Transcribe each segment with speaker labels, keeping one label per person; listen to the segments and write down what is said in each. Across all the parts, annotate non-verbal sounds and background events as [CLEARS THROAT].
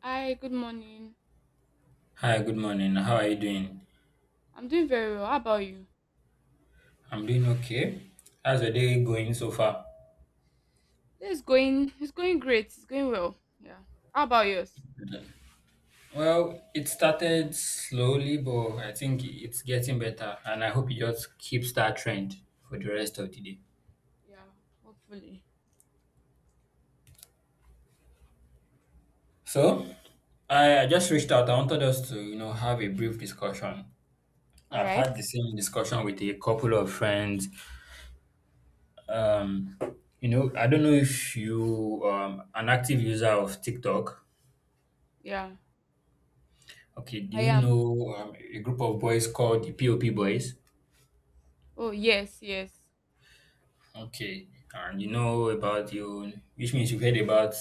Speaker 1: Hi, good morning.
Speaker 2: Hi, good morning. How are you doing?
Speaker 1: I'm doing very well. How about you?
Speaker 2: I'm doing okay. How's your day going so far?
Speaker 1: It's going great. It's going well. Yeah. How about yours?
Speaker 2: Good. Well, it started slowly, but I think it's getting better, and I hope it just keeps that trend for the rest of the day.
Speaker 1: Yeah, hopefully.
Speaker 2: So, I just reached out. I wanted us to have a brief discussion.
Speaker 1: All
Speaker 2: I've
Speaker 1: right.
Speaker 2: had the same discussion with a couple of friends. Um, I don't know if you an active user of TikTok.
Speaker 1: Yeah,
Speaker 2: Okay, do
Speaker 1: I
Speaker 2: you
Speaker 1: am.
Speaker 2: know a group of boys called the POP Boys?
Speaker 1: Oh, yes, yes.
Speaker 2: Okay, and you know about you, which means you've heard about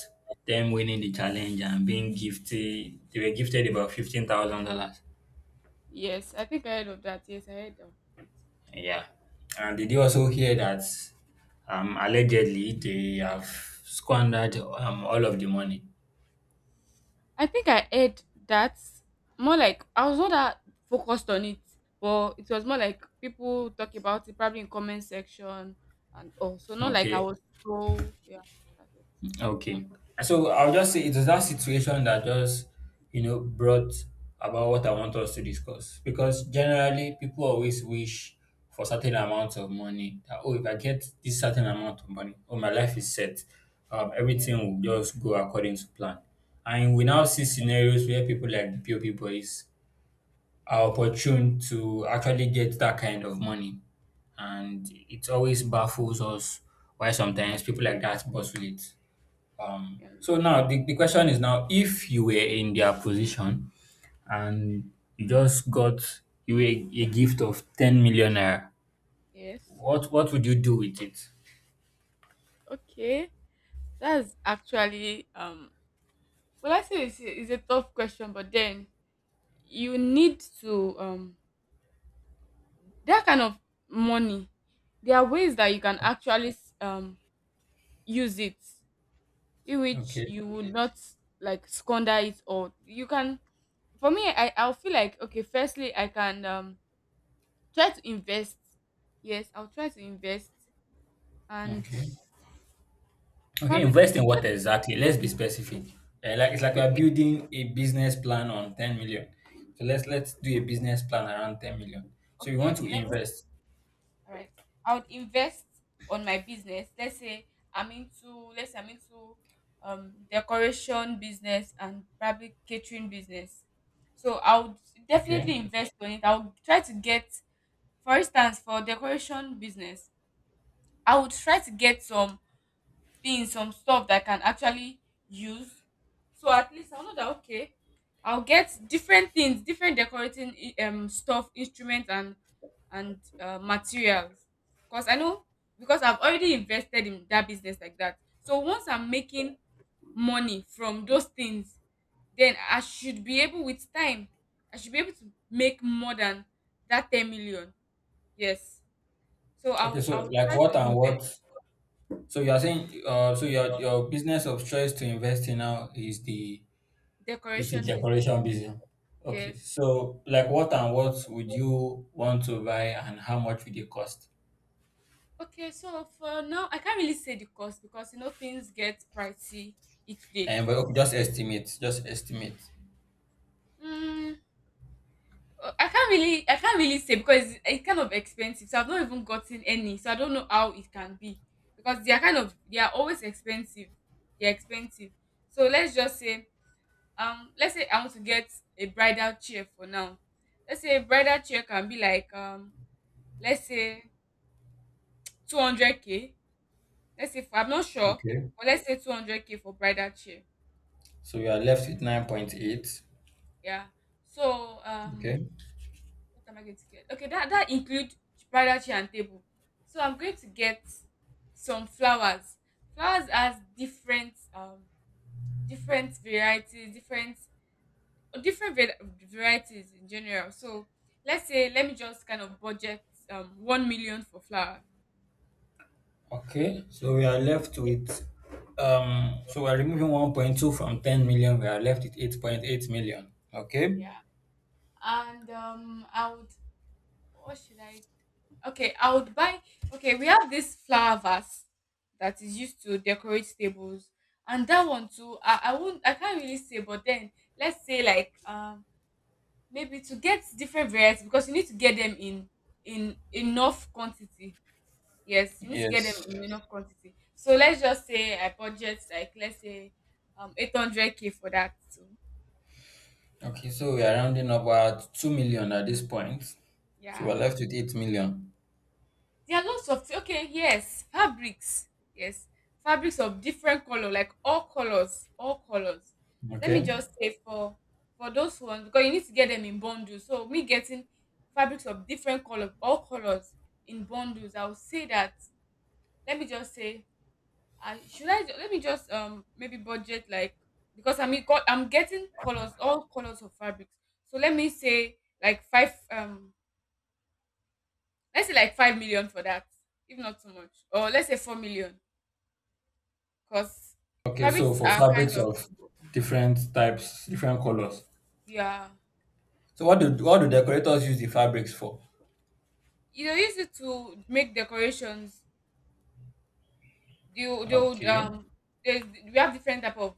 Speaker 2: them winning the challenge and being gifted. They were gifted about $15,000.
Speaker 1: Yes, I think I heard of that. Yes, I heard of it.
Speaker 2: Yeah, and did you also hear that? Allegedly they have squandered all of the money.
Speaker 1: I think I heard that, more like I was not that focused on it, but it was more like people talk about it probably in comment section and also not like I
Speaker 2: Okay.
Speaker 1: was, so yeah, that's it.
Speaker 2: Okay. So I'll just say it was that situation that just brought about what I want us to discuss. Because generally, people always wish for certain amounts of money. That, oh, if I get this certain amount of money, oh, my life is set.
Speaker 1: Yeah,
Speaker 2: Everything will just go according to plan. And we now see scenarios where people like the POP boys are opportune to actually get that kind of money. And it always baffles us why sometimes people like that bustle it. Um,
Speaker 1: yeah.
Speaker 2: so now the question is now, if you were in their position and you just got you a gift of 10 million naira,
Speaker 1: Yes.
Speaker 2: what would you do with it?
Speaker 1: Okay. That's actually well, I say it's it's a tough question, but then you need to that kind of money. There are ways that you can actually um use it in which
Speaker 2: Okay.
Speaker 1: you would not like squander it. Or you can, for me I'll feel like, okay, firstly I can try to invest. Yes, I'll try to invest and
Speaker 2: Okay. Okay,
Speaker 1: probably
Speaker 2: invest in what
Speaker 1: let-
Speaker 2: exactly? Let's be specific. Like it's like you're
Speaker 1: okay
Speaker 2: building a business plan on 10 million. So let's do a business plan around 10 million. So you
Speaker 1: okay
Speaker 2: want to
Speaker 1: okay let
Speaker 2: invest.
Speaker 1: all right, I would invest on my business. Let's say I'm into, let's say I'm into decoration business and probably catering business, so I would
Speaker 2: Okay.
Speaker 1: definitely invest on it. I would try to get, for instance for decoration business, I would try to get some things, some stuff that I can actually use. So at least I'll know that, okay, I'll get different things, different decorating stuff, instruments and materials. Because I know, because I've already invested in that business like that. So once I'm making money from those things, then I should be able, with time, I should be able to make more than that 10 million. Yes. So
Speaker 2: Okay,
Speaker 1: I'll
Speaker 2: so
Speaker 1: I'll
Speaker 2: like
Speaker 1: try to
Speaker 2: what and
Speaker 1: invest
Speaker 2: what so you are saying so your business of choice to invest in now is the. It's a
Speaker 1: decoration business.
Speaker 2: decoration business. Okay,
Speaker 1: Yes.
Speaker 2: so like what and what would you want to buy and how much would it cost?
Speaker 1: Okay, so for now, I can't really say the cost because you know things get pricey each day.
Speaker 2: And but okay, just estimate, just estimate.
Speaker 1: Mm, I can't really say because it's kind of expensive. So I've not even gotten any, so I don't know how it can be because they are kind of, they are always expensive. They're expensive. So let's just say, let's say I want to get a bridal chair for now. Let's say a bridal chair can be like let's say 200 k. Let's say for, I'm not sure,
Speaker 2: Okay,
Speaker 1: but let's say 200 k for bridal chair.
Speaker 2: so we are left with 9.8.
Speaker 1: Yeah. So
Speaker 2: Okay,
Speaker 1: what am I going to get? Okay, that include bridal chair and table. So I'm going to get some flowers. Flowers has different different varieties, different varieties in general. So let's say, let me just kind of budget 1 million for flower.
Speaker 2: okay, so we are removing 1.2 from 10 million, we are left with 8.8 million. Okay,
Speaker 1: Yeah. And I would. What should I, okay, I would buy. Okay, we have this flower vase that is used to decorate tables, and that one too. I won't. I can't really say, but then let's say like maybe to get different varieties because you need to get them in enough quantity. Yes, you need to get them
Speaker 2: yes,
Speaker 1: in enough quantity. So let's just say I budget like, let's say 800 k for that too.
Speaker 2: okay, so we are rounding about 2 million at this point, so we
Speaker 1: Yeah.
Speaker 2: are left with 8 million.
Speaker 1: There are lots of, okay, yes, fabrics. Yes, fabrics of different color, like all colors, all colors. Let me
Speaker 2: Okay.
Speaker 1: just say for those ones because you need to get them in bundles. So me getting fabrics of different color, all colors in bundles, I would say that. Let me just say, I should I let me just maybe budget like, because I mean got, I'm getting colors, all colors of fabrics. So let me say like five let's say like 5 million for that, if not too much, or let's say 4 million, because
Speaker 2: Okay,
Speaker 1: fabrics
Speaker 2: so for
Speaker 1: are so kind
Speaker 2: fabrics
Speaker 1: of,
Speaker 2: of different types, different colors.
Speaker 1: yeah,
Speaker 2: So what do decorators use the fabrics for?
Speaker 1: you know, use it to make decorations. You they would
Speaker 2: Okay,
Speaker 1: there's, we have different type of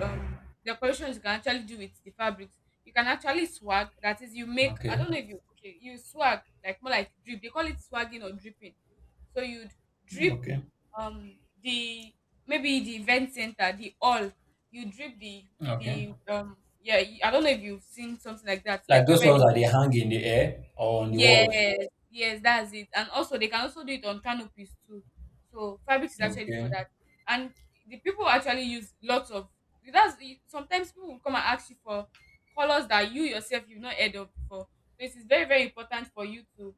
Speaker 1: um decorations you can actually do with the fabrics. You can actually swag. That is, you make. I
Speaker 2: okay,
Speaker 1: don't know if you, okay. You swag like, more like drip. They call it swagging or dripping. So you'd drip
Speaker 2: okay,
Speaker 1: um the maybe the event center, the all, you drip the
Speaker 2: okay.
Speaker 1: yeah. I don't know if you've seen something like that,
Speaker 2: Like
Speaker 1: like
Speaker 2: those
Speaker 1: whereby they,
Speaker 2: ones that they hang in the air or on the walls.
Speaker 1: yes, yes, that's it. And also they can also do it on canopies too, so fabric is actually for
Speaker 2: Okay,
Speaker 1: that. And the people actually use lots of, that's, sometimes people will come and ask you for colors that you yourself you've not heard of before. So it is very very important for you to,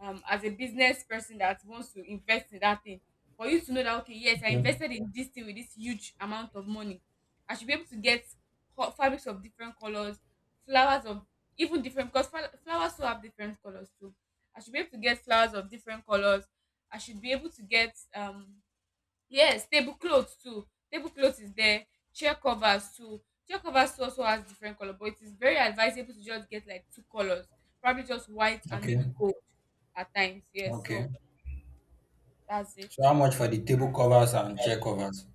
Speaker 1: as a business person that wants to invest in that thing, for you to know that, okay, yes, I
Speaker 2: okay,
Speaker 1: invested in this thing with this huge amount of money, I should be able to get fabrics of different colors, flowers of even different, because flowers also have different colors too. I should be able to get flowers of different colors. I should be able to get yes, tablecloth too. Tablecloth is there, chair covers too. Chair covers too also has different color, but it is very advisable to just get like 2 colors, probably just white and maybe
Speaker 2: okay,
Speaker 1: gold at times. Yes,
Speaker 2: okay.
Speaker 1: so that's it.
Speaker 2: So how much for the table covers and chair covers?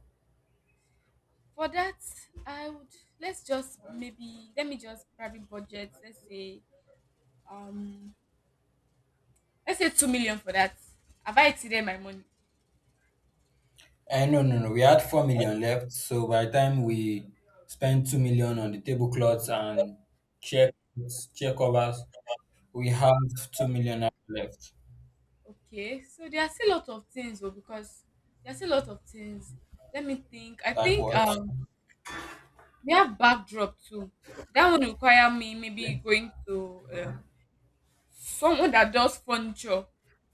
Speaker 1: For that, I would, let's just maybe let me just probably budget, um let's say 2 million for that. Have I exceeded my money?
Speaker 2: No, no, no. We had 4 million left, so by the time we spent 2 million on the tablecloths and chair chair covers, we have 2 million left.
Speaker 1: Okay, so there are still a lot of things though, because there are still a lot of things. Let me think. I
Speaker 2: Like
Speaker 1: think
Speaker 2: what?
Speaker 1: we have backdrop too. That one require me maybe
Speaker 2: Okay.
Speaker 1: going to someone that does furniture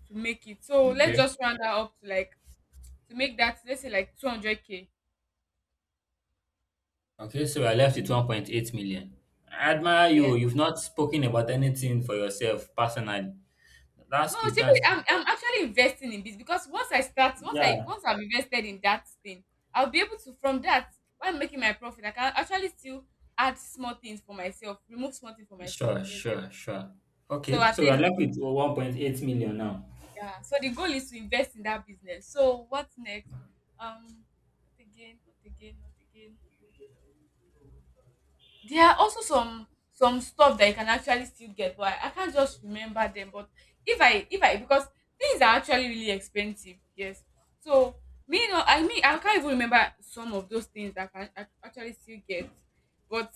Speaker 1: to make it. So let's
Speaker 2: Okay.
Speaker 1: just round that up to like, to make that, let's say like 200 k.
Speaker 2: Okay, so we're left with 1.8 million. I admire
Speaker 1: Yes.
Speaker 2: you. You've not spoken about anything for yourself personally. That's
Speaker 1: No,
Speaker 2: good. That's
Speaker 1: seriously,
Speaker 2: good.
Speaker 1: I'm actually investing in this because once I start, once I
Speaker 2: Yeah.
Speaker 1: once I've invested in that thing, I'll be able to, from that, while making my profit, I can actually still add small things for myself, remove small things for myself.
Speaker 2: Sure,
Speaker 1: Yes, yes.
Speaker 2: sure, sure.
Speaker 1: So
Speaker 2: Okay,
Speaker 1: at
Speaker 2: so we are
Speaker 1: least,
Speaker 2: left with 1.8 million now.
Speaker 1: yeah, so the goal is to invest in that business. So what's next? um what again, what again, what again? There are also some stuff that you can actually still get, but I can't just remember them. But if I, because things are actually really expensive, yes. So, me, no, I mean, I can't even remember some of those things that I can actually still get. But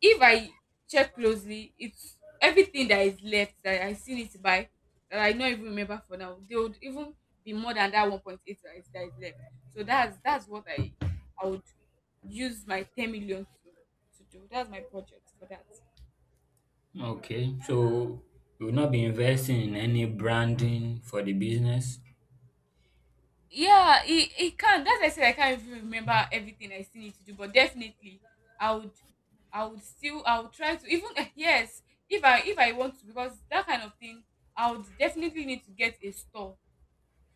Speaker 1: if I check closely, it's everything that is left that I still need to buy, that I don't even remember for now, they would even be more than that 1.8 that is left. So that's what I would use my 10 million to do. That's my budget for that.
Speaker 2: Okay, so we will not be investing in any branding for the business.
Speaker 1: Yeah, it can. That's why I said I can't even remember everything I still need to do, but definitely i would I would still, I would try to even [LAUGHS] yes, if I want to, because that kind of thing, I would definitely need to get a store.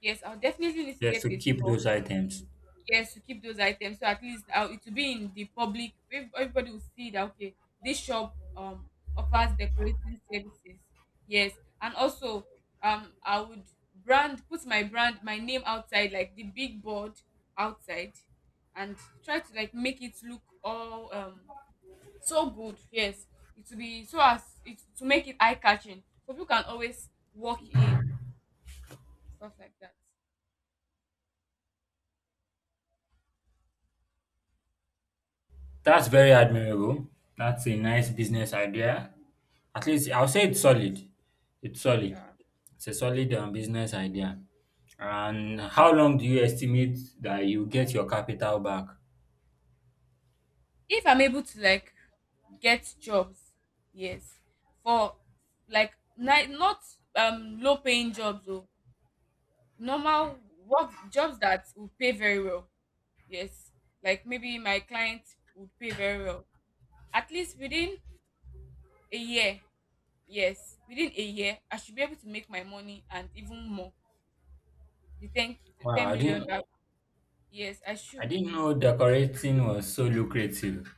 Speaker 1: Yes, I would definitely need to
Speaker 2: Just
Speaker 1: get
Speaker 2: to
Speaker 1: a
Speaker 2: keep
Speaker 1: store,
Speaker 2: those items.
Speaker 1: yes, to keep those items. So at least it will be in the public, everybody will see that, okay, this shop offers decorating services. Yes. And also I would brand, put my brand, my name outside, like the big board outside, and try to like make it look all so good. Yes, it will be so as it to make it eye catching so people can always walk in, stuff like that.
Speaker 2: That's very
Speaker 1: So
Speaker 2: admirable. That's a nice business idea. At least I'll say it's solid. It's solid.
Speaker 1: yeah,
Speaker 2: It's a solid business idea. And how long do you estimate that you get your capital back?
Speaker 1: if I'm able to like get jobs. Yes. For like not low paying jobs or normal work jobs that will pay very well. Yes. Like maybe my client would pay very well. At least within a year. Yes. Within a year, I should be able to make my money and even more. The 10,
Speaker 2: Wow,
Speaker 1: 10
Speaker 2: I
Speaker 1: million
Speaker 2: didn't
Speaker 1: that, yes, I
Speaker 2: I
Speaker 1: should.
Speaker 2: didn't know decorating was so lucrative.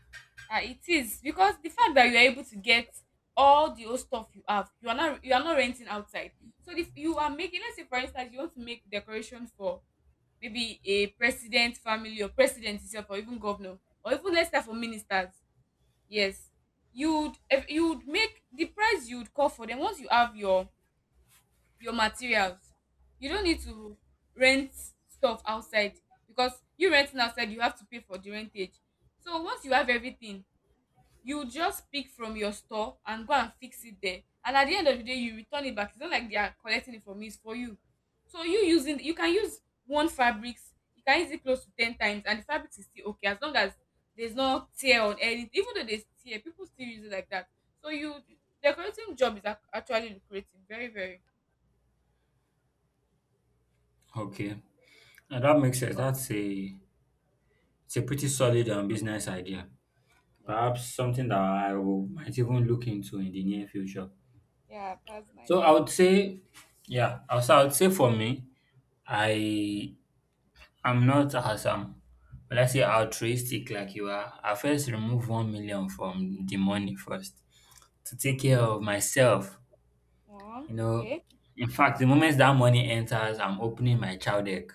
Speaker 1: Ah, it is, because the fact that you are able to get all the old stuff you have, you are not, you are not renting outside. So if you are making, let's say for instance, you want to make decoration for maybe a president family or president itself, or even governor, or even let's start for ministers. Yes, you'd, if you'd make the price you'd call for them once you have your materials. You don't need to rent stuff outside, because you renting outside, you have to pay for the rentage. So once you have everything, you just pick from your store and go and fix it there, and at the end of the day you return it back. It's not like they are collecting it from you, it's for you. So you can use one fabrics, you can use it close to 10 times and the fabric is still okay, as long as there's no tear on anything. Even though there's tear, people still use it like that. So you decorating job is actually lucrative, very very.
Speaker 2: Okay. Now that makes sense. That's a it's a pretty solid business idea.
Speaker 1: Yeah,
Speaker 2: Perhaps something that might even look into in the near future.
Speaker 1: yeah, that's
Speaker 2: So I
Speaker 1: nice.
Speaker 2: would say, yeah, also I would say, for me, I I'm not awesome, but I say altruistic like you are? I first remove 1 million from the money first to take care
Speaker 1: Okay.
Speaker 2: of myself.
Speaker 1: Wow,
Speaker 2: You know,
Speaker 1: okay.
Speaker 2: in fact, the moment that money enters, I'm opening my child egg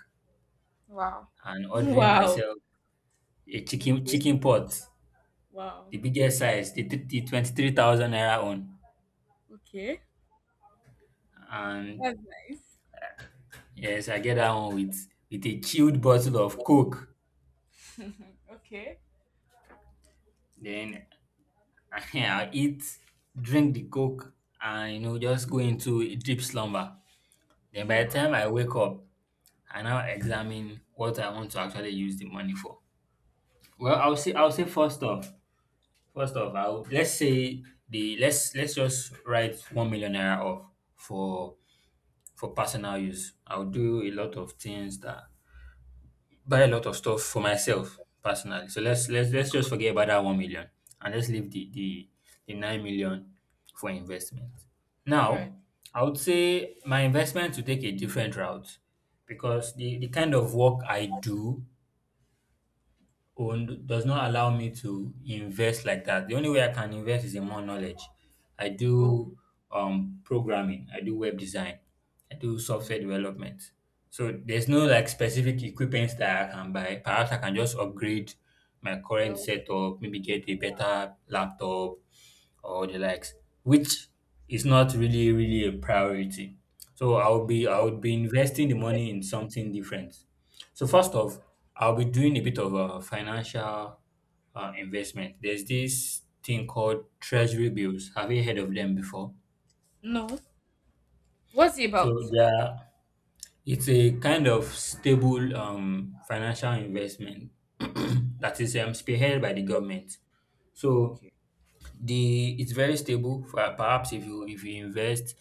Speaker 1: Wow.
Speaker 2: and
Speaker 1: [LAUGHS]
Speaker 2: ordering
Speaker 1: Wow.
Speaker 2: myself a chicken
Speaker 1: Okay.
Speaker 2: chicken pot,
Speaker 1: Wow.
Speaker 2: the biggest
Speaker 1: Okay.
Speaker 2: size, the 23,000 naira one.
Speaker 1: Okay.
Speaker 2: And
Speaker 1: That's nice.
Speaker 2: yes, I get that one with a chilled bottle of Coke.
Speaker 1: Okay.
Speaker 2: Then [LAUGHS] yeah, eat, drink the coke, and just go into a deep slumber. Then by the
Speaker 1: Hmm.
Speaker 2: time I wake up, I now examine what I want to actually use the money for. Well, I'll
Speaker 1: Wow.
Speaker 2: say I'll say first off, I'll let's say the let's just write 1 million naira off for personal use. I'll do a lot of things that buy a lot of stuff for myself personally. So
Speaker 1: Right.
Speaker 2: let's just forget about that 1 million and let's leave the 9 million for investment.
Speaker 1: All right.
Speaker 2: Now, I would say my investment to take a different route because the kind of work I do own does not allow me to invest like that. The only way I can invest is in more knowledge. I
Speaker 1: Oh,
Speaker 2: do programming, I do web design, I do software
Speaker 1: mm,
Speaker 2: development. So there's no like specific equipment that I can buy. Perhaps I can just upgrade my current
Speaker 1: yo.
Speaker 2: setup, maybe get a better laptop or the likes, which is not really, really a priority. So I would be investing the money in something different. So first off, I'll be doing a bit of a financial investment. There's this thing called treasury bills. Have you heard of them before?
Speaker 1: No. What's it about?
Speaker 2: So it's a kind of stable financial investment [CLEARS THROAT] that is spearheaded by the government. So
Speaker 1: Okay.
Speaker 2: the it's very stable. For perhaps if you invest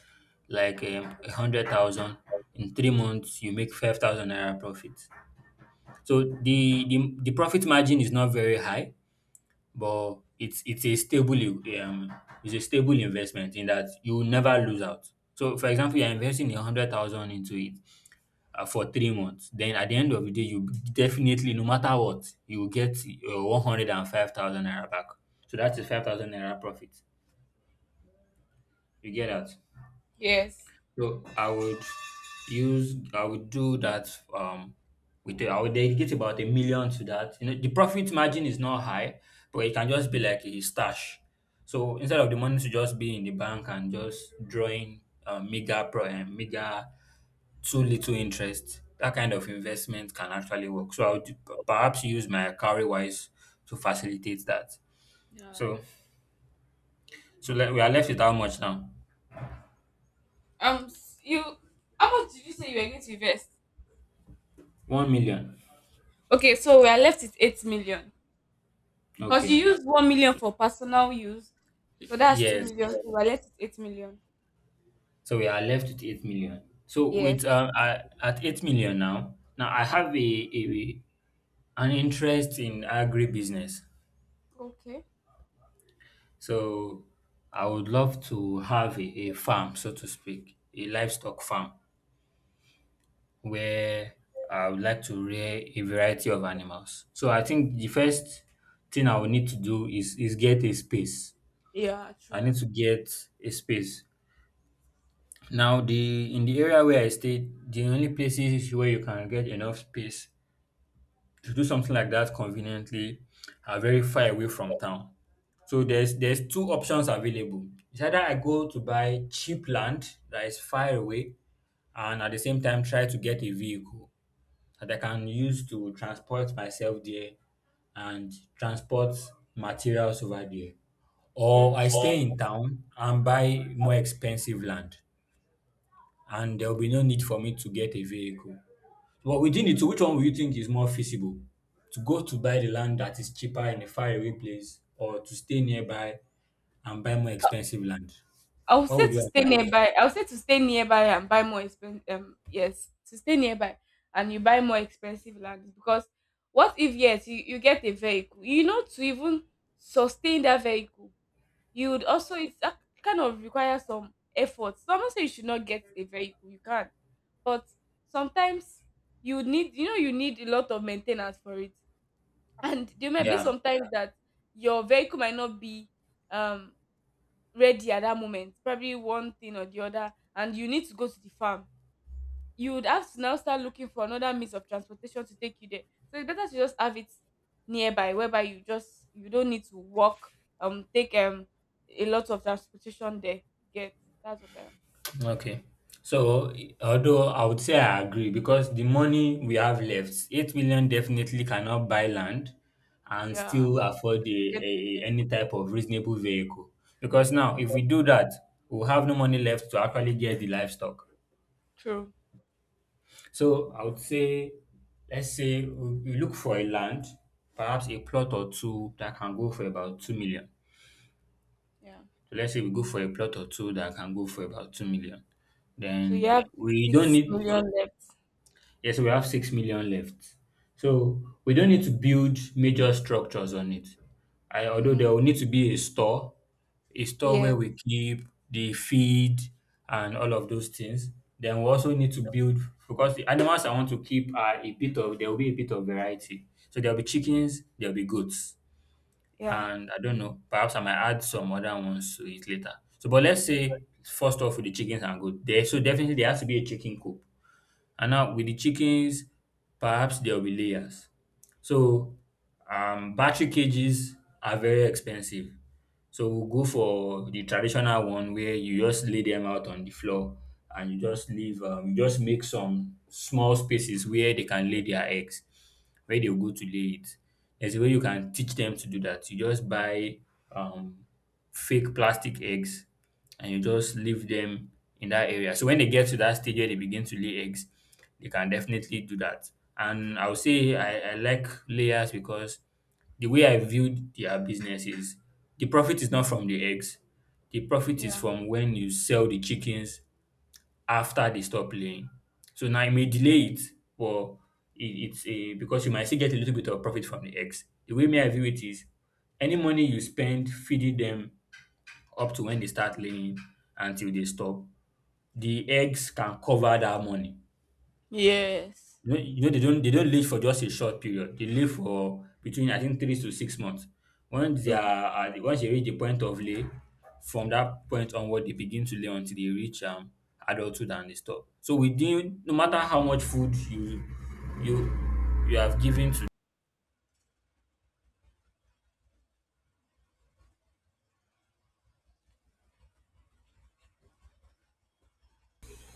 Speaker 2: like 100,000, in 3 months you make 5,000 naira profit. So the profit margin is not very high, but it's a stable, um it's a stable investment in that you will never lose out. So for example, you're investing 100,000 into it for 3 months, then at the end of the day you definitely, no matter what, you will get 105,000 naira back. So that is 5,000 naira profit you get out.
Speaker 1: Yes.
Speaker 2: So I would do that, I would dedicate about 1 million to that. The profit margin is not high, but it can just be like a stash. So instead of the money to just be in the bank and just drawing mega pro and mega too little interest, that kind of investment can actually work. So I would perhaps use my carry wise to facilitate that.
Speaker 1: Yeah.
Speaker 2: So so we are left with how much now?
Speaker 1: You. How much did you say you were going to invest?
Speaker 2: 1 million.
Speaker 1: Okay. So we are left with 8 million. Cause you
Speaker 2: Okay.
Speaker 1: use 1 million for personal use, so that's two
Speaker 2: Yes.
Speaker 1: million. So we are left with 8 million.
Speaker 2: So we are left with 8 million. So
Speaker 1: Yes.
Speaker 2: at 8 million now, I have a an interest in agribusiness.
Speaker 1: Okay.
Speaker 2: So I would love to have a farm, so to speak, a livestock farm where I would like to rear a variety of animals. So I think the first thing I will need to do is get a space.
Speaker 1: Yeah.
Speaker 2: I need
Speaker 1: True.
Speaker 2: to get a space. Now, the in the area where I stay, the only places where you can get enough space to do something like that conveniently are very far away from town. So there's two options available. It's either I go to buy cheap land that is far away and at the same time try to get a vehicle that I can use to transport myself there and transport materials over there. Or
Speaker 1: Yes.
Speaker 2: I stay in town and buy more expensive land, and there'll be no need for me to get a vehicle. But within the two, which one would you think is more feasible? To go to buy the land that is cheaper in a faraway place, or to stay nearby and buy more expensive land?
Speaker 1: I would
Speaker 2: What
Speaker 1: say
Speaker 2: would
Speaker 1: to
Speaker 2: you
Speaker 1: stay
Speaker 2: advise?
Speaker 1: nearby. I would say to stay nearby and buy more expensive. Yes, to stay nearby and you buy more expensive land. Because what if yes you get a vehicle? You know, to even sustain that vehicle, you would also, kind of require some effort. Someone say you should not get a vehicle. You can, but sometimes you need, you know, you need a lot of maintenance for it, and there may be
Speaker 2: Yeah.
Speaker 1: sometimes that your vehicle might not be um ready at that moment, probably one thing or the other, and you need to go to the farm. You would have to now start looking for another means of transportation to take you there. So it's better to just have it nearby, whereby you just, you don't need to walk, take a lot of transportation there, you get. That's what I'm saying.
Speaker 2: Okay. So, although I would say I agree, because the money we have left, 8 million, definitely cannot buy land and
Speaker 1: Yeah,
Speaker 2: still afford
Speaker 1: get.
Speaker 2: any type of reasonable vehicle. Because now,
Speaker 1: Yeah,
Speaker 2: if we do that, we'll have no money left to actually get the livestock.
Speaker 1: true.
Speaker 2: So I would say, let's say we look for a land, perhaps a plot or two that can go for about 2 million.
Speaker 1: Yeah,
Speaker 2: So let's say we go for a plot or two that can go for about 2 million.
Speaker 1: so you
Speaker 2: Then
Speaker 1: have
Speaker 2: we don't
Speaker 1: six
Speaker 2: need.
Speaker 1: million left.
Speaker 2: Yes, so we have 6 million left. So we don't need to build major structures on it. Although
Speaker 1: Mm-hmm.
Speaker 2: there will need to be a store
Speaker 1: Yeah.
Speaker 2: where we keep the feed and all of those things. Then we also need to build, because the animals I want to keep are a bit of there will be a bit of variety. So there'll be chickens, there'll be goats,
Speaker 1: Yeah.
Speaker 2: and I don't know. Perhaps I might add some other ones to it later. So, but let's say first off with the chickens and goats. So definitely there has to be a chicken coop. And now with the chickens, perhaps there will be layers. So battery cages are very expensive. So we'll go for the traditional one where you just lay them out on the floor and you just leave, you just make some small spaces where they can lay their eggs, where they'll go to lay it. There's a way you can teach them to do that. You just buy um, fake plastic eggs and you just leave them in that area. So when they get to that stage where they begin to lay eggs, they can definitely do that. And I would say I like layers because the way I viewed their business is the profit is not from the eggs. The profit is
Speaker 1: Yeah.
Speaker 2: from when you sell the chickens after they stop laying. So now it may delay it, but it, it's a because you might still get a little bit of profit from the eggs. The way me I view it is any money you spend feeding them up to when they start laying until they stop, the eggs can cover that money.
Speaker 1: Yes.
Speaker 2: You know, they don't live for just a short period. They live for between I think 3 to 6 months. Once they
Speaker 1: True.
Speaker 2: are once they reach the point of lay, from that point onward they begin to lay until they reach adulthood and they stop. So within no matter how much food you you you have given to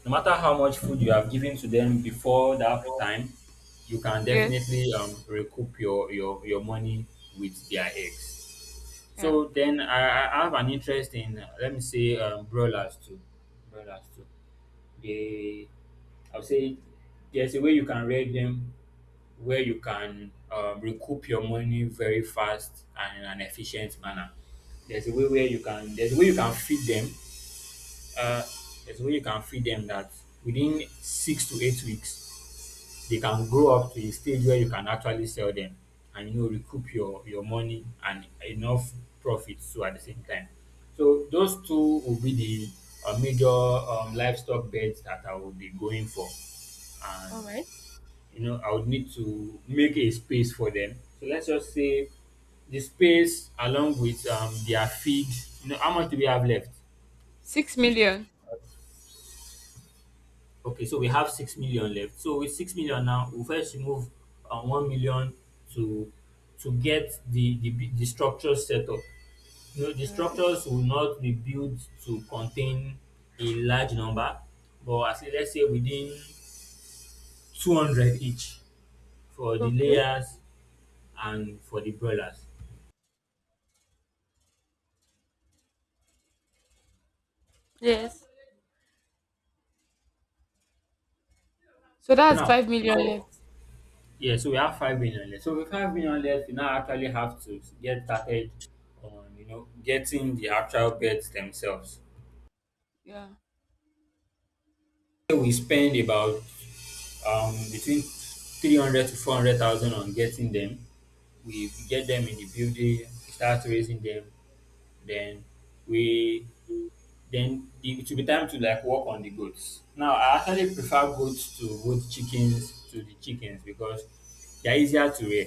Speaker 2: no matter how much food you have given to them before that time, you can
Speaker 1: Yes.
Speaker 2: definitely recoup your money with their eggs.
Speaker 1: Yeah,
Speaker 2: So then I have an interest in let me say brawlers too. Brawlers too. They I would say there's a way you can rate them where you can recoup your money very fast and in an efficient manner. There's a way you can feed them. Uh, there's a way you can feed them that within 6 to 8 weeks they can grow up to a stage where you can actually sell them and you know recoup your money and enough profit too at the same time. So those two will be the major livestock beds that I will be going for, and
Speaker 1: all right,
Speaker 2: you know I would need to make a space for them. So let's just say the space along with their feed. You know how much do we have left?
Speaker 1: 6 million.
Speaker 2: Okay, so we have 6 million left. So with 6 million now, we first remove 1 million to to get the structure set up. You know, the
Speaker 1: All right.
Speaker 2: structures will not be built to contain a large number, but as let's say within 200 each for the
Speaker 1: Okay.
Speaker 2: layers and for the broilers.
Speaker 1: Yes. So
Speaker 2: So
Speaker 1: that's
Speaker 2: Now,
Speaker 1: 5 million
Speaker 2: so
Speaker 1: left.
Speaker 2: yeah, so we have 5 million left. So with 5 million left, we now actually have to get started on you know getting the actual beds themselves.
Speaker 1: Yeah.
Speaker 2: We spend about between 300 to 400,000 on getting them. We get them in the building, we start raising them, then we then it will be time to like work on the goats. Now I actually prefer goats to the chickens because they're easier to rear.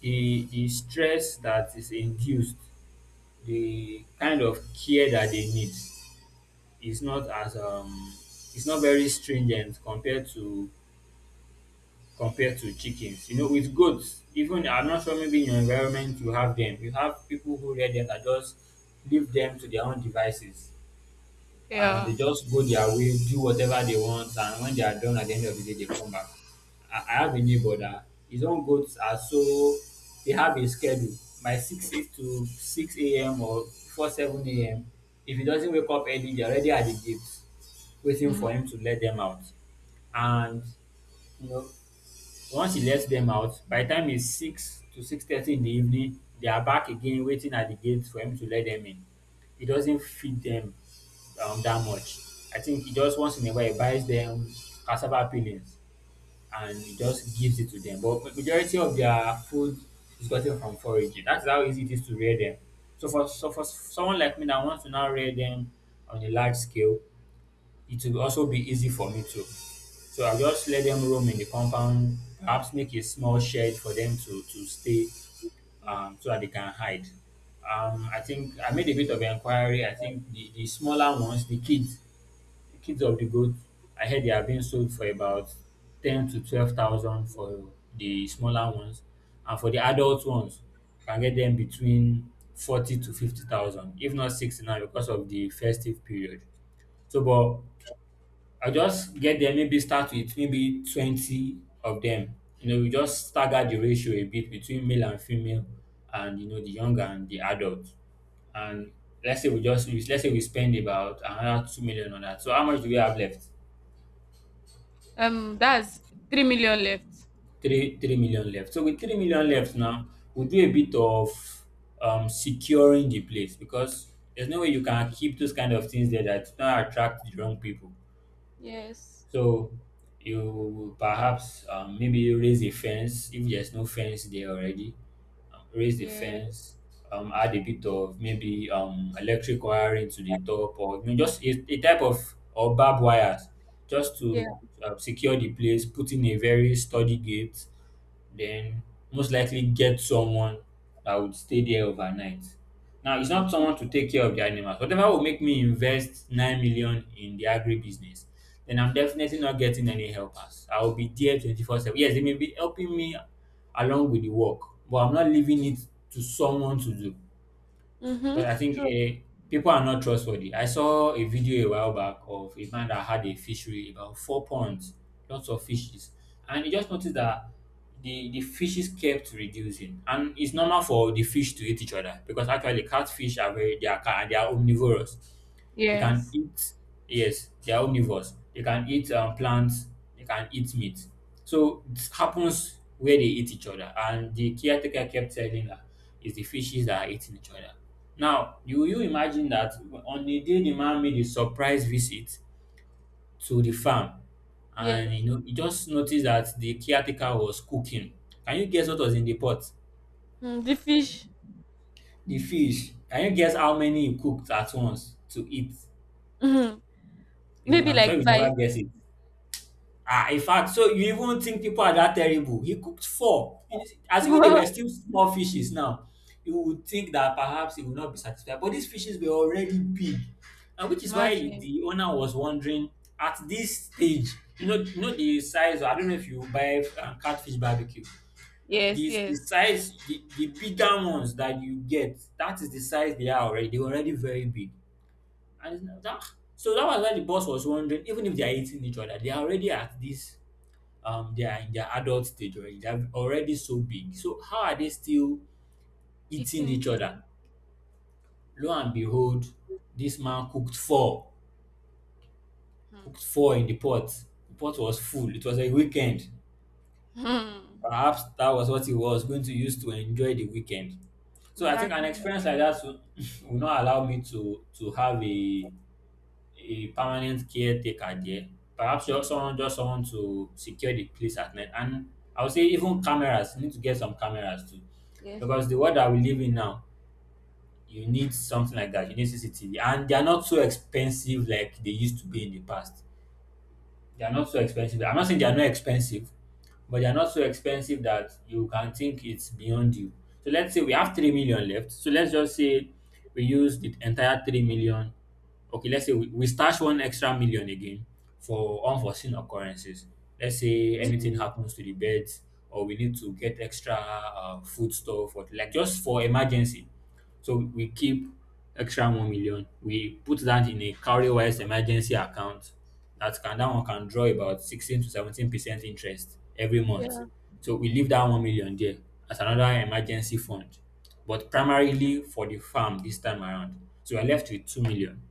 Speaker 2: The stress that is induced, the kind of care that they need it's not as um it's not very stringent compared to chickens. You know, with goats, even I'm not sure maybe in your environment you have them. You have people who rear them that just leave them to their own devices and they
Speaker 1: Yeah.
Speaker 2: just go their way, do whatever they want, and when they are done at the end of the day, they come back. I have a neighbor that his own goats are so they have a schedule by 6, 8 to 6 a.m. or before 7 a.m. If he doesn't wake up early, they're already at the gates waiting
Speaker 1: Mhm.
Speaker 2: for him to let them out. And you know, once he lets them out, by the time it's 6 to 6:30 in the evening, they are back again waiting at the gate for him to let them in. He doesn't feed them that much. I think he just once in a while he buys them cassava peelings and he just gives it to them. But majority of their food is gotten from foraging. That's how easy it is to rear them. So for someone like me that wants to now rear them on a large scale, it will also be easy for me too. So I just let them roam in the compound, perhaps make a small shed for them to stay,
Speaker 1: Yeah.
Speaker 2: so that they can hide. I think I made a bit of inquiry. I think the smaller ones, the kids of the goat, I heard they are being sold for about ten to twelve thousand for the smaller ones, and for the adult ones, you can get them between forty to fifty thousand, if not 60 now because of the festive period. So, but I'll just get them, maybe start with maybe 20 of them. You know, we just stagger the ratio a bit between male and female and, you know, the young and the adult. And let's say we spend about another 2 million on that. So how much do we have left?
Speaker 1: That's 3 million left.
Speaker 2: 3 million left. So with 3 million left now, we'll do a bit of securing the place because there's no way you can keep those kind of things there that don't attract the wrong people.
Speaker 1: Yes.
Speaker 2: So you perhaps maybe raise a fence if there's no fence there already. Raise the
Speaker 1: Yeah.
Speaker 2: fence, add a bit of maybe electric wiring to the top, or you know, just a type of or barbed wires just
Speaker 1: Yeah.
Speaker 2: to secure the place. Put in a very sturdy gate, then most likely get someone that would stay there overnight. Now, it's not someone to take care of the animals. Whatever will make me invest 9 million in the agri business, then I'm definitely not getting any helpers. I will be there 24/7. Yes, they may be helping me along with the work, but I'm not leaving it to someone to do. But
Speaker 1: Mm-hmm.
Speaker 2: I think
Speaker 1: True.
Speaker 2: people are not trustworthy. I saw a video a while back of a man that had a fishery, about four ponds, lots of fishes. And he just noticed that the fishes kept reducing. And it's normal for the fish to eat each other because actually catfish are very, they are omnivorous. You can
Speaker 1: Yes.
Speaker 2: eat, yes, they are omnivores. You can eat plants, you can eat meat. So this happens where they eat each other. And the caretaker kept telling her, it's the fishes that are eating each other. Now, you imagine that on the day the man made a surprise visit to the farm, and
Speaker 1: Yes.
Speaker 2: you know, he just noticed that the caretaker was cooking. Can you guess what was in the pot?
Speaker 1: Mm, the fish.
Speaker 2: The fish. Can you guess how many he cooked at once to eat?
Speaker 1: Mm-hmm.
Speaker 2: You,
Speaker 1: Maybe
Speaker 2: I'm sure
Speaker 1: like
Speaker 2: you
Speaker 1: five.
Speaker 2: never guess it. Ah, in fact, so you even think people are that terrible? He cooked four.
Speaker 1: [LAUGHS]
Speaker 2: Assuming they
Speaker 1: Wow.
Speaker 2: were still small fishes now, you would think that perhaps he would not be satisfied. But these fishes were already big, and which is why
Speaker 1: Imagine.
Speaker 2: the owner was wondering at this stage. You know the size. I don't know if you buy catfish barbecue.
Speaker 1: Yes,
Speaker 2: This the
Speaker 1: yes.
Speaker 2: size, the bigger ones that you get, that is the size they are already. They were already very big, and it's not- ah. so that was why the boss was wondering, even if they are eating each other, they are already at this they are in their adult stage already. They are already so big. So how are they still eating
Speaker 1: Eating
Speaker 2: each
Speaker 1: each other.
Speaker 2: other? Lo and behold, this man
Speaker 1: Hmm.
Speaker 2: cooked four in the pot. The pot was full. It was a weekend.
Speaker 1: Hmm.
Speaker 2: Perhaps that was what he was going to use to enjoy the weekend. So I think an
Speaker 1: Exactly.
Speaker 2: experience like that will, [LAUGHS] will not allow me to have a permanent caretaker there. Perhaps you someone just someone to secure the place at night. And I would say even cameras, you need to get some cameras too.
Speaker 1: Yes.
Speaker 2: Because the
Speaker 1: True.
Speaker 2: world that we live in now, you need something like that. You need CCTV. And they are not so expensive like they used to be in the past. They are not so expensive. I'm not saying they are not expensive, but they're not so expensive that you can think it's beyond you. So let's say we have 3 million left. So let's just say we use the entire 3 million. Okay, let's say we stash one extra million again for unforeseen occurrences. Let's say anything
Speaker 1: Okay.
Speaker 2: happens to the beds, or we need to get extra food stuff, or like just for emergency. So we keep extra 1 million. We put that in a Cowrywise emergency account. That one can draw about 16 to 17% interest every month.
Speaker 1: Yeah.
Speaker 2: So we leave that 1 million there as another emergency fund, but primarily for the farm this time around. So we are left with 2 million.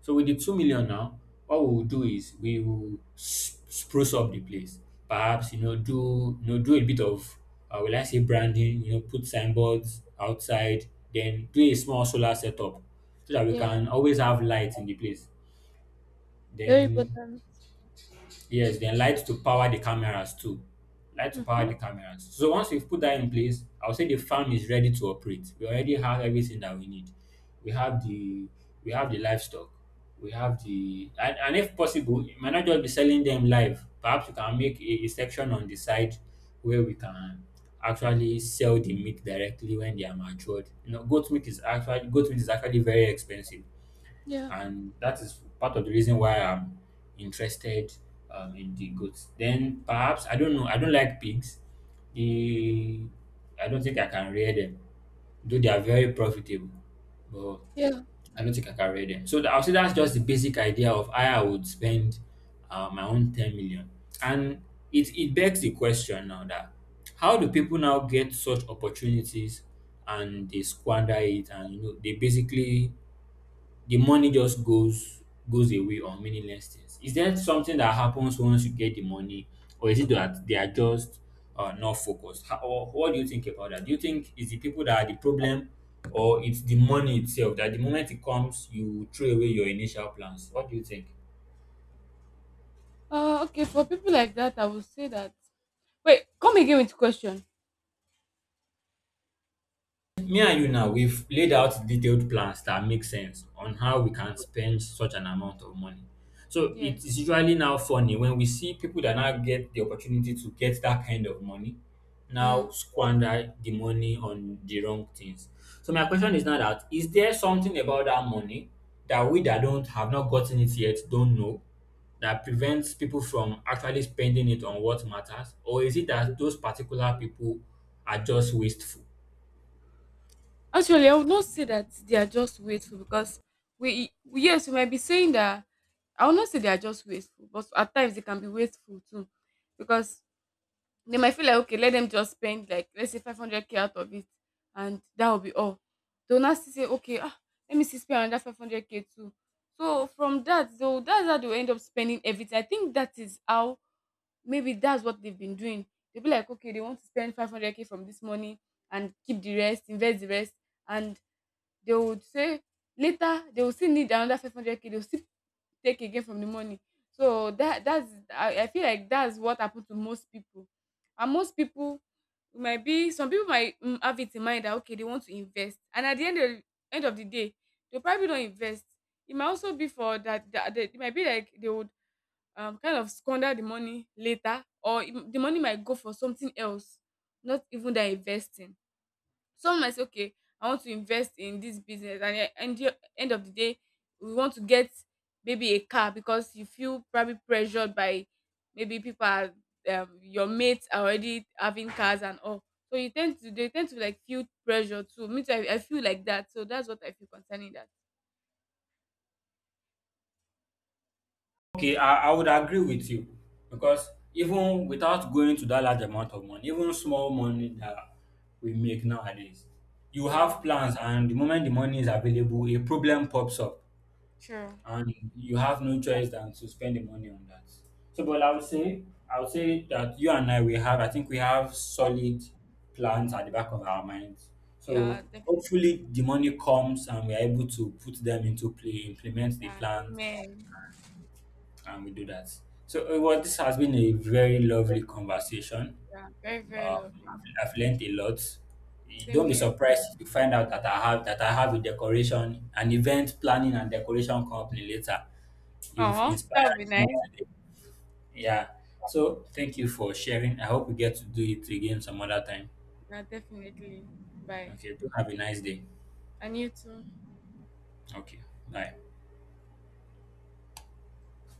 Speaker 2: So with the 2 million now, what we will do is spruce up the place. Perhaps you know do a bit of will I say branding? You know, put signboards outside. Then do a small solar setup so that we
Speaker 1: Yeah.
Speaker 2: can always have light in the place.
Speaker 1: Very
Speaker 2: Then
Speaker 1: important.
Speaker 2: yes, then light to power the cameras too. Light to power
Speaker 1: Mm-hmm.
Speaker 2: the cameras. So once we've put that in place, I'll say the farm is ready to operate. We already have everything that we need. We have the we have the livestock. We have the and if possible, it might not just be selling them live. Perhaps we can make a section on the side where we can actually sell the meat directly when they are matured. You know, goat meat is actually very expensive,
Speaker 1: Yeah.
Speaker 2: and that is part of the reason why I'm interested in the goats. Then perhaps, I don't know. I don't like pigs. The I don't think I can rear them, though they are very profitable. But
Speaker 1: Yeah.
Speaker 2: I don't think I can rear them. So I'll say that's just the basic idea of how I would spend my own 10 million. And it begs the question now that how do people now get such opportunities and they squander it, and you know they basically the money just goes away on meaningless things. Is there something that happens once you get the money, or is it that they are just not focused? How, or what do you think about that? Do you think it's the people that are the problem, or it's the money itself that the moment it comes you throw away your initial plans? What do you think?
Speaker 1: Okay, for people like that, I would say that. Wait, come again with question.
Speaker 2: Me and you now, we've laid out detailed plans that make sense on how we can spend such an amount of money. So it
Speaker 1: Yes.
Speaker 2: is usually now funny when we see people that now get the opportunity to get that kind of money now
Speaker 1: Mm.
Speaker 2: squander the money on the wrong things. So my question is now that is there something about that money that we that don't have not gotten it yet don't know that prevents people from actually spending it on what matters? Or is it that those particular people are just wasteful?
Speaker 1: Actually, I would not say that they are just wasteful, because yes, we might be saying that. I would not say they are just wasteful, but at times they can be wasteful too, because they might feel like, okay, let them just spend like, let's say, 500 k out of it, and that will be all. They'll not still say, okay, ah, let me see spend another 500 k too. So from that, so that's how they will end up spending everything. I think that is how, maybe that's what they've been doing. They'll be like, okay, they want to spend 500k from this money and keep the rest, invest the rest. And they would say later they will still need another 500k, they'll still take again from the money. So that's I feel like that's what happened to most people. And most people might be, some people might, have it in mind that, okay, they want to invest. And at the end of the day, they probably don't invest. It might also be for that, it might be like they would kind of squander the money later, or the money might go for something else, not even that investing. Some might say, okay, I want to invest in this business, and at the end of the day, we want to get maybe a car, because you feel probably pressured by maybe people are your mates are already having cars and all. So you tend to they tend to like feel pressure too. Me too, I feel like that. So that's what I feel concerning that.
Speaker 2: Okay, I would agree with you, because even without going to that large amount of money, even small money that we make nowadays, you
Speaker 1: Yeah,
Speaker 2: have plans, and the moment the money is available, a problem pops up,
Speaker 1: sure.
Speaker 2: and you have no choice than to spend the money on that. So,
Speaker 1: Yeah,
Speaker 2: but
Speaker 1: true.
Speaker 2: I would say that you and I, we have, I think we have solid plans at the back of our minds.
Speaker 1: Yeah,
Speaker 2: So,
Speaker 1: definitely.
Speaker 2: hopefully, the money comes and we are able to put them into play, implement the
Speaker 1: Yeah,
Speaker 2: plans
Speaker 1: amen.
Speaker 2: and we do that. So, well, this has been a very lovely conversation.
Speaker 1: Yeah, very, very lovely.
Speaker 2: I've learned a lot. You
Speaker 1: Same
Speaker 2: Don't be
Speaker 1: here.
Speaker 2: surprised if you find out that I have a decoration, an event planning and decoration company later. You've
Speaker 1: Oh, that would
Speaker 2: inspired
Speaker 1: be nice.
Speaker 2: me today. Yeah. So, thank you for sharing. I hope we get to do it again some other time.
Speaker 1: Yeah, definitely. Bye.
Speaker 2: Okay. Do have a nice day.
Speaker 1: And you too.
Speaker 2: Okay. Bye.